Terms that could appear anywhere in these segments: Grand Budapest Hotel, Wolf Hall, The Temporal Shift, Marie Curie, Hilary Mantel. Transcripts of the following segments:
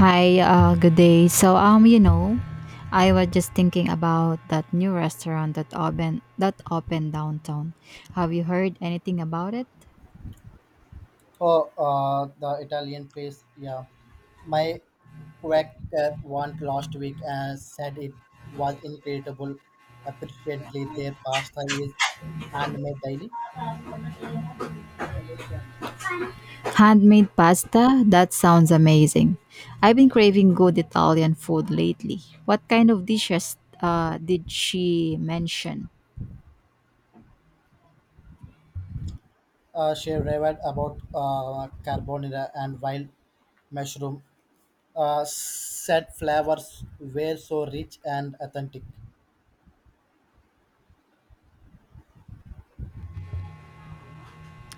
Good day. I was just thinking about that new restaurant that opened downtown. Have you heard anything about it? Oh, the Italian place. Yeah, my quaker went last week and said it was incredible. Apparently, their pasta is handmade daily. Handmade pasta? That sounds amazing. I've been craving good Italian food lately. What kind of dishes did she mention? She raved about carbonara and wild mushroom. Said flavors were so rich and authentic.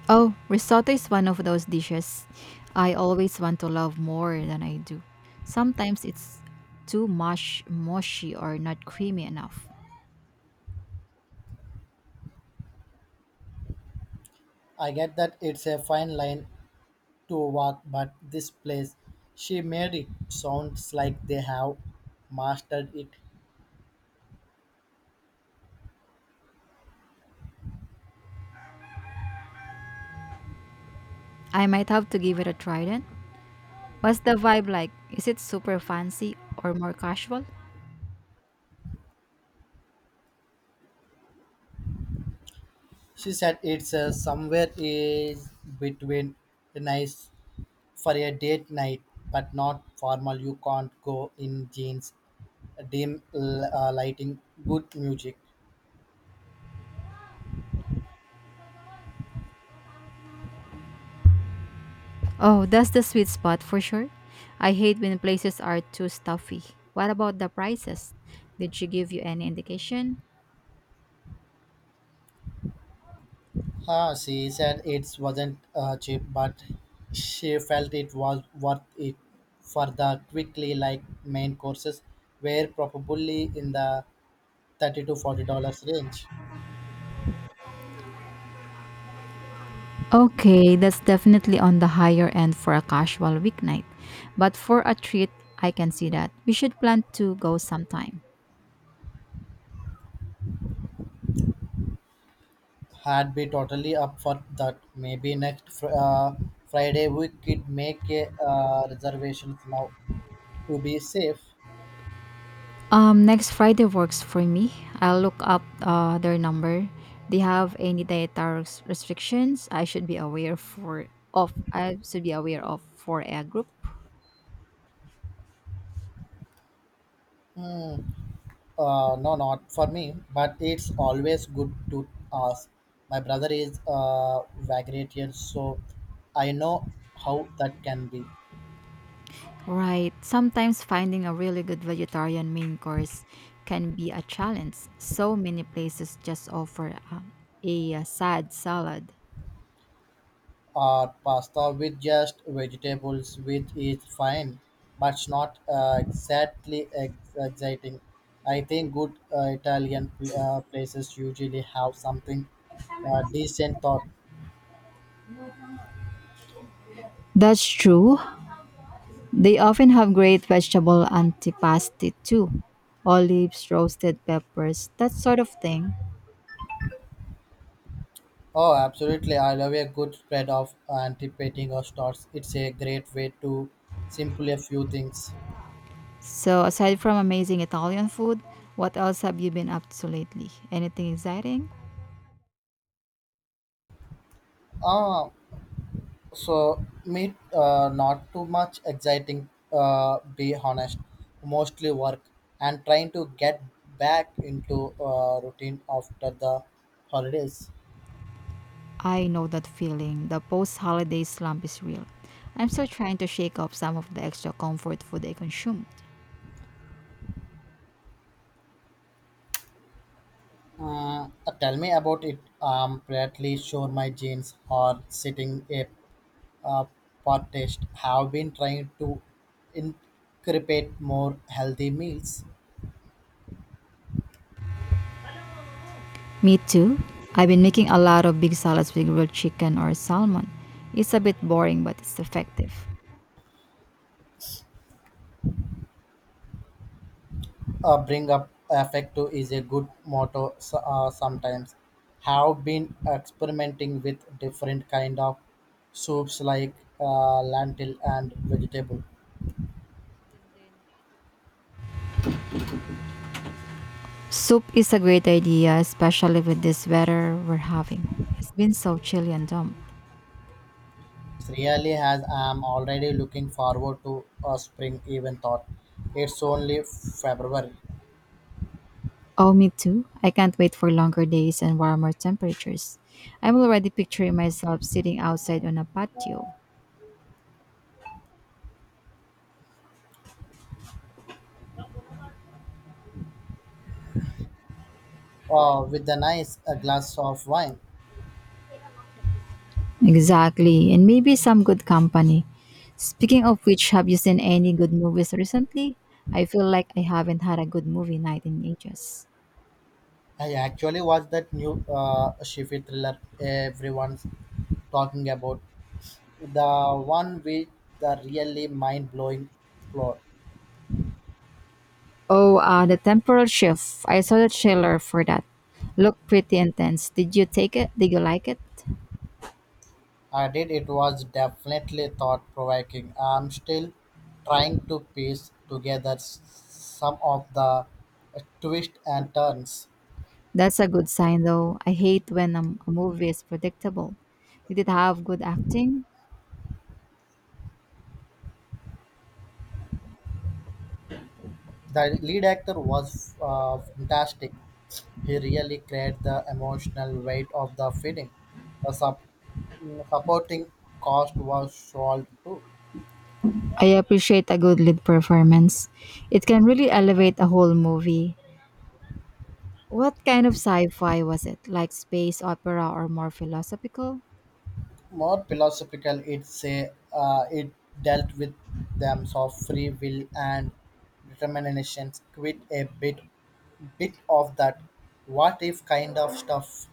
Oh, risotto is one of those dishes I always want to love more than I do. Sometimes it's too mushy or not creamy enough. I get that it's a fine line to walk, but this place, she made it sounds like they have mastered it. I might have to give it a try then. What's the vibe like? Is it super fancy or more casual? She said it's somewhere is between the nice for a date night, but not formal. You can't go in jeans, dim lighting, good music. Oh, that's the sweet spot for sure. I hate when places are too stuffy. What about the prices? Did she give you any indication? She said it wasn't cheap, but she felt it was worth it for the quickly like main courses were probably in the $30 to $40 range. Okay, that's definitely on the higher end for a casual weeknight. But for a treat, I can see that. We should plan to go sometime. Had be totally up for that. Maybe next Friday we could make a reservations now to be safe. Next Friday works for me. I'll look up their number. They have any dietary restrictions I should be aware of for a group. Hmm. No, not for me, but it's always good to ask. My brother is vegetarian, so I know how that can be. Right. Sometimes finding a really good vegetarian main course can be a challenge. So many places just offer sad salad. Or pasta with just vegetables, which is fine, but it's not exactly exciting. I think good Italian places usually have something decent thought. That's true. They often have great vegetable antipasti too. Olives, roasted peppers, that sort of thing. Oh, absolutely. I love a good spread of anticipating or starts. It's a great way to simplify a few things. So, aside from amazing Italian food, what else have you been up to lately? Anything exciting? Ah, So meet not too much exciting. Be honest, mostly work and trying to get back into routine after the holidays. I know that feeling. The post holiday slump is real. I'm still trying to shake off some of the extra comfort food I consume. Tell me about it. I'm pretty sure my jeans are sitting a uh, pot test. Have been trying to incorporate more healthy meals. Me too. I've been making a lot of big salads with grilled chicken or salmon. It's a bit boring, but it's effective. Bring up affecto is a good motto sometimes have been experimenting with different kind of soups like lentil and vegetable. Soup is a great idea, especially with this weather we're having. It's been so chilly and damp. It's really has. I'm already looking forward to a spring, even thought it's only February. Oh, me too. I can't wait for longer days and warmer temperatures. I'm already picturing myself sitting outside on a patio. With a nice a glass of wine. Exactly, and maybe some good company. Speaking of which, have you seen any good movies recently? I feel like I haven't had a good movie night in ages. I actually watched that new shifi thriller everyone's talking about. The one with the really mind blowing plot. Oh, The Temporal Shift. I saw the trailer for that. Looked pretty intense. Did you take it? Did you like it? I did. It was definitely thought provoking. I'm still trying to piece together some of the twists and turns. That's a good sign, though. I hate when a movie is predictable. Did it have good acting? The lead actor was fantastic. He really carried the emotional weight of the film. The supporting cast was solid too. I appreciate a good lead performance. It can really elevate a whole movie. What kind of sci-fi was it? Like space opera or more philosophical? More philosophical, it say it dealt with themes of free will and determination. Quit a bit of that "what if" kind of stuff.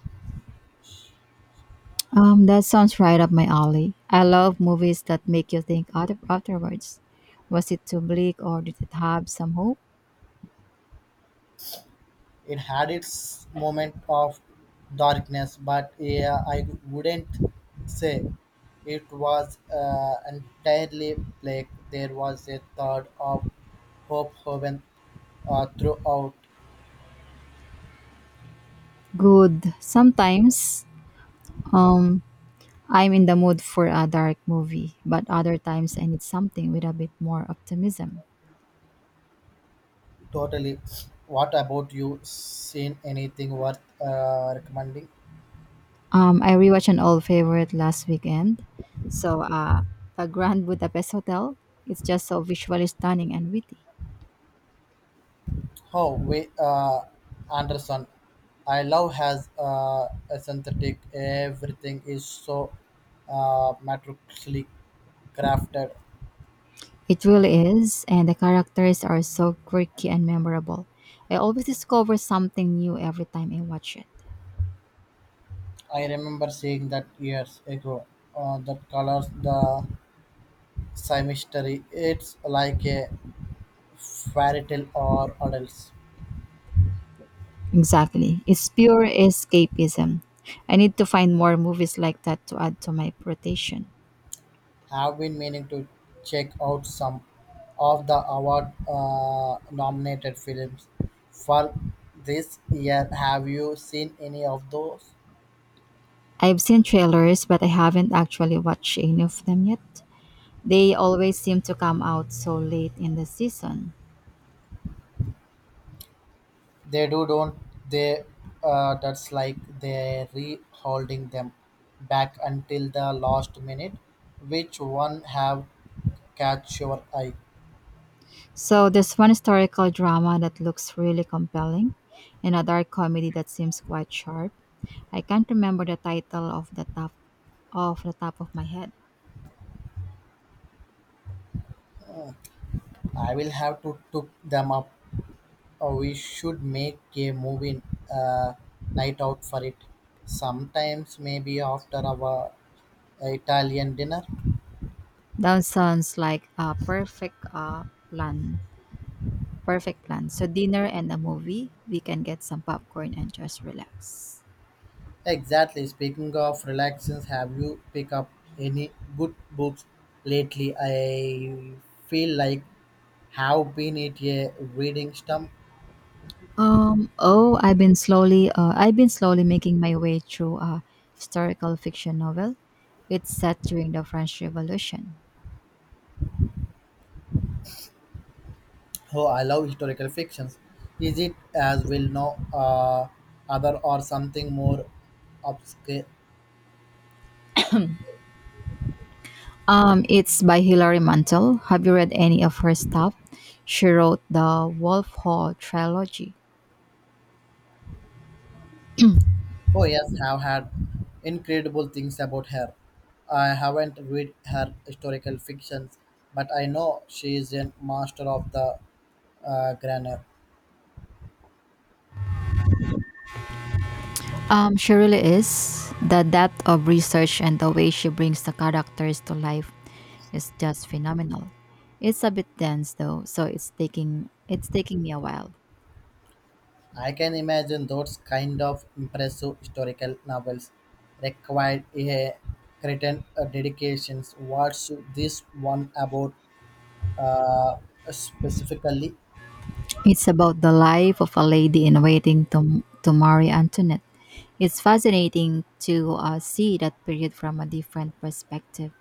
That sounds right up my alley. I love movies that make you think out afterwards. Was it too bleak or did it have some hope? It had its moment of darkness, but yeah, I wouldn't say it was entirely black. There was a third of hope, heaven throughout. Good. Um, I'm in the mood for a dark movie, but other times I need something with a bit more optimism. Totally. What about you? Seen anything worth recommending? I rewatched an old favorite last weekend. So, uh, the Grand Budapest Hotel. It's just so visually stunning and witty. Oh, we Anderson. I love has a synthetic. Everything is so matrixly crafted. It really is, and the characters are so quirky and memorable. I always discover something new every time I watch it. I remember seeing that years ago. That colors the symmetry. It's like a fairy tale or adults. Exactly. It's pure escapism. I need to find more movies like that to add to my rotation. Have been meaning to check out some of the award nominated films for this year. Have you seen any of those? I've seen trailers, but I haven't actually watched any of them yet. They always seem to come out so late in the season. They do, don't they? That's like they're holding them back until the last minute. Which one have catch your eye? So there's one historical drama that looks really compelling and a dark comedy that seems quite sharp. I can't remember the title of the top Off the top of my head. I will have to look them up. Oh, we should make a movie uh, night out for it. Sometimes, maybe after our Italian dinner. That sounds like a perfect plan. Perfect plan. So dinner and a movie. We can get some popcorn and just relax. Exactly. Speaking of relaxing, have you picked up any good books lately? I feel like have been it a reading slump. I've been slowly making my way through a historical fiction novel. It's set during the French Revolution. Oh, I love historical fictions. Is it as well no uh, other or something more obscure? It's by Hilary Mantel. Have you read any of her stuff? She wrote the Wolf Hall trilogy. Oh yes, have had incredible things about her. I haven't read her historical fictions, but I know she is a master of the grammar. She really is. The depth of research and the way she brings the characters to life is just phenomenal. It's a bit dense though, so it's taking me a while. I can imagine those kind of impressive historical novels required a certain dedications. What's this one about uh, specifically? It's about the life of a lady in waiting to marry Antoinette. It's fascinating to see that period from a different perspective.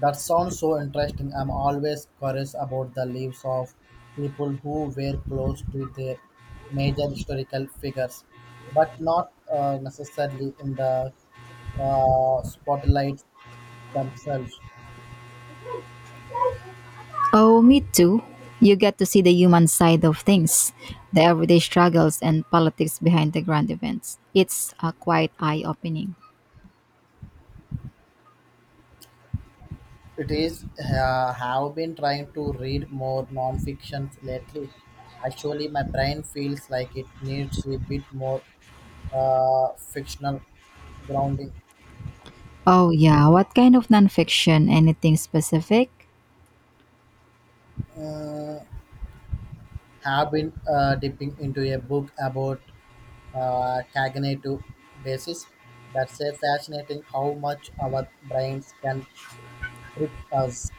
That sounds so interesting. I'm always curious about the lives of people who were close to their major historical figures, but not necessarily in the spotlight themselves. Oh, me too. You get to see the human side of things, the everyday struggles and politics behind the grand events. It's quite eye opening. It is have been trying to read more non-fiction lately. Actually, my brain feels like it needs a bit more fictional grounding. Oh, yeah. What kind of nonfiction? Anything specific? Mm, have been dipping into a book about cognitive basis. That's a fascinating how much our brains can trip us.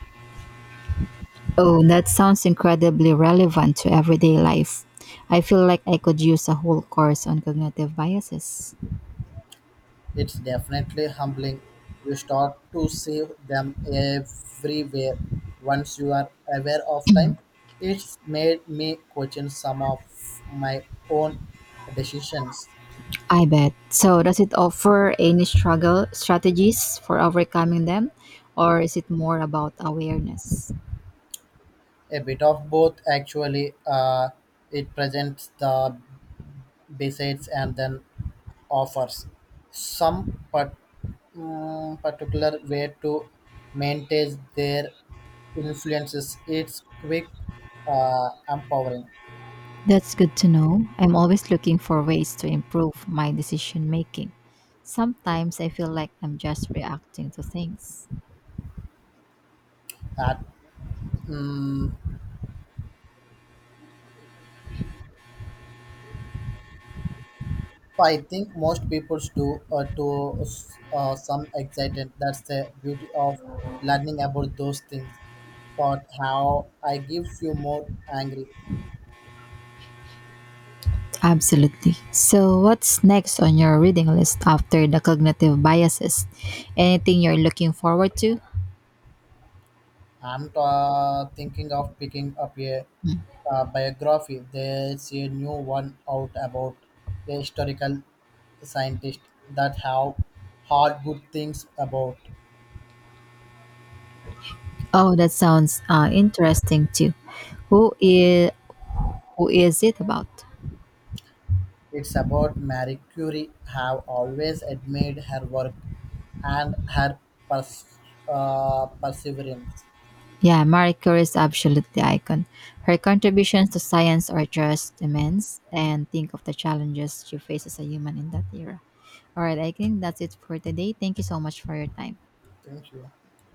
Oh, that sounds incredibly relevant to everyday life. I feel like I could use a whole course on cognitive biases. It's definitely humbling. You start to see them everywhere. Once you are aware of time, it's made me question some of my own decisions. I bet. So, does it offer any struggle strategies for overcoming them, or is it more about awareness? A bit of both, actually. It presents the basics and then offers some part, particular way to maintain their influences. It's quick, empowering. That's good to know. I'm always looking for ways to improve my decision making. Sometimes I feel like I'm just reacting to things. That mm I think most people do to some excitement. That's the beauty of learning about those things. But how I gives you more angry. Absolutely. So, what's next on your reading list after the cognitive biases? Anything you're looking forward to? I'm thinking of picking up a biography. There's a new one out about a historical scientist that have heard good things about. Oh, that sounds interesting too. Who is who is it about? It's about Marie Curie. Have always admired her work and her pers- perseverance. Yeah, Marie Curie is absolutely the icon. Her contributions to science are just immense, and think of the challenges she faced as a human in that era. All right, I think that's it for today. Thank you so much for your time. Thank you.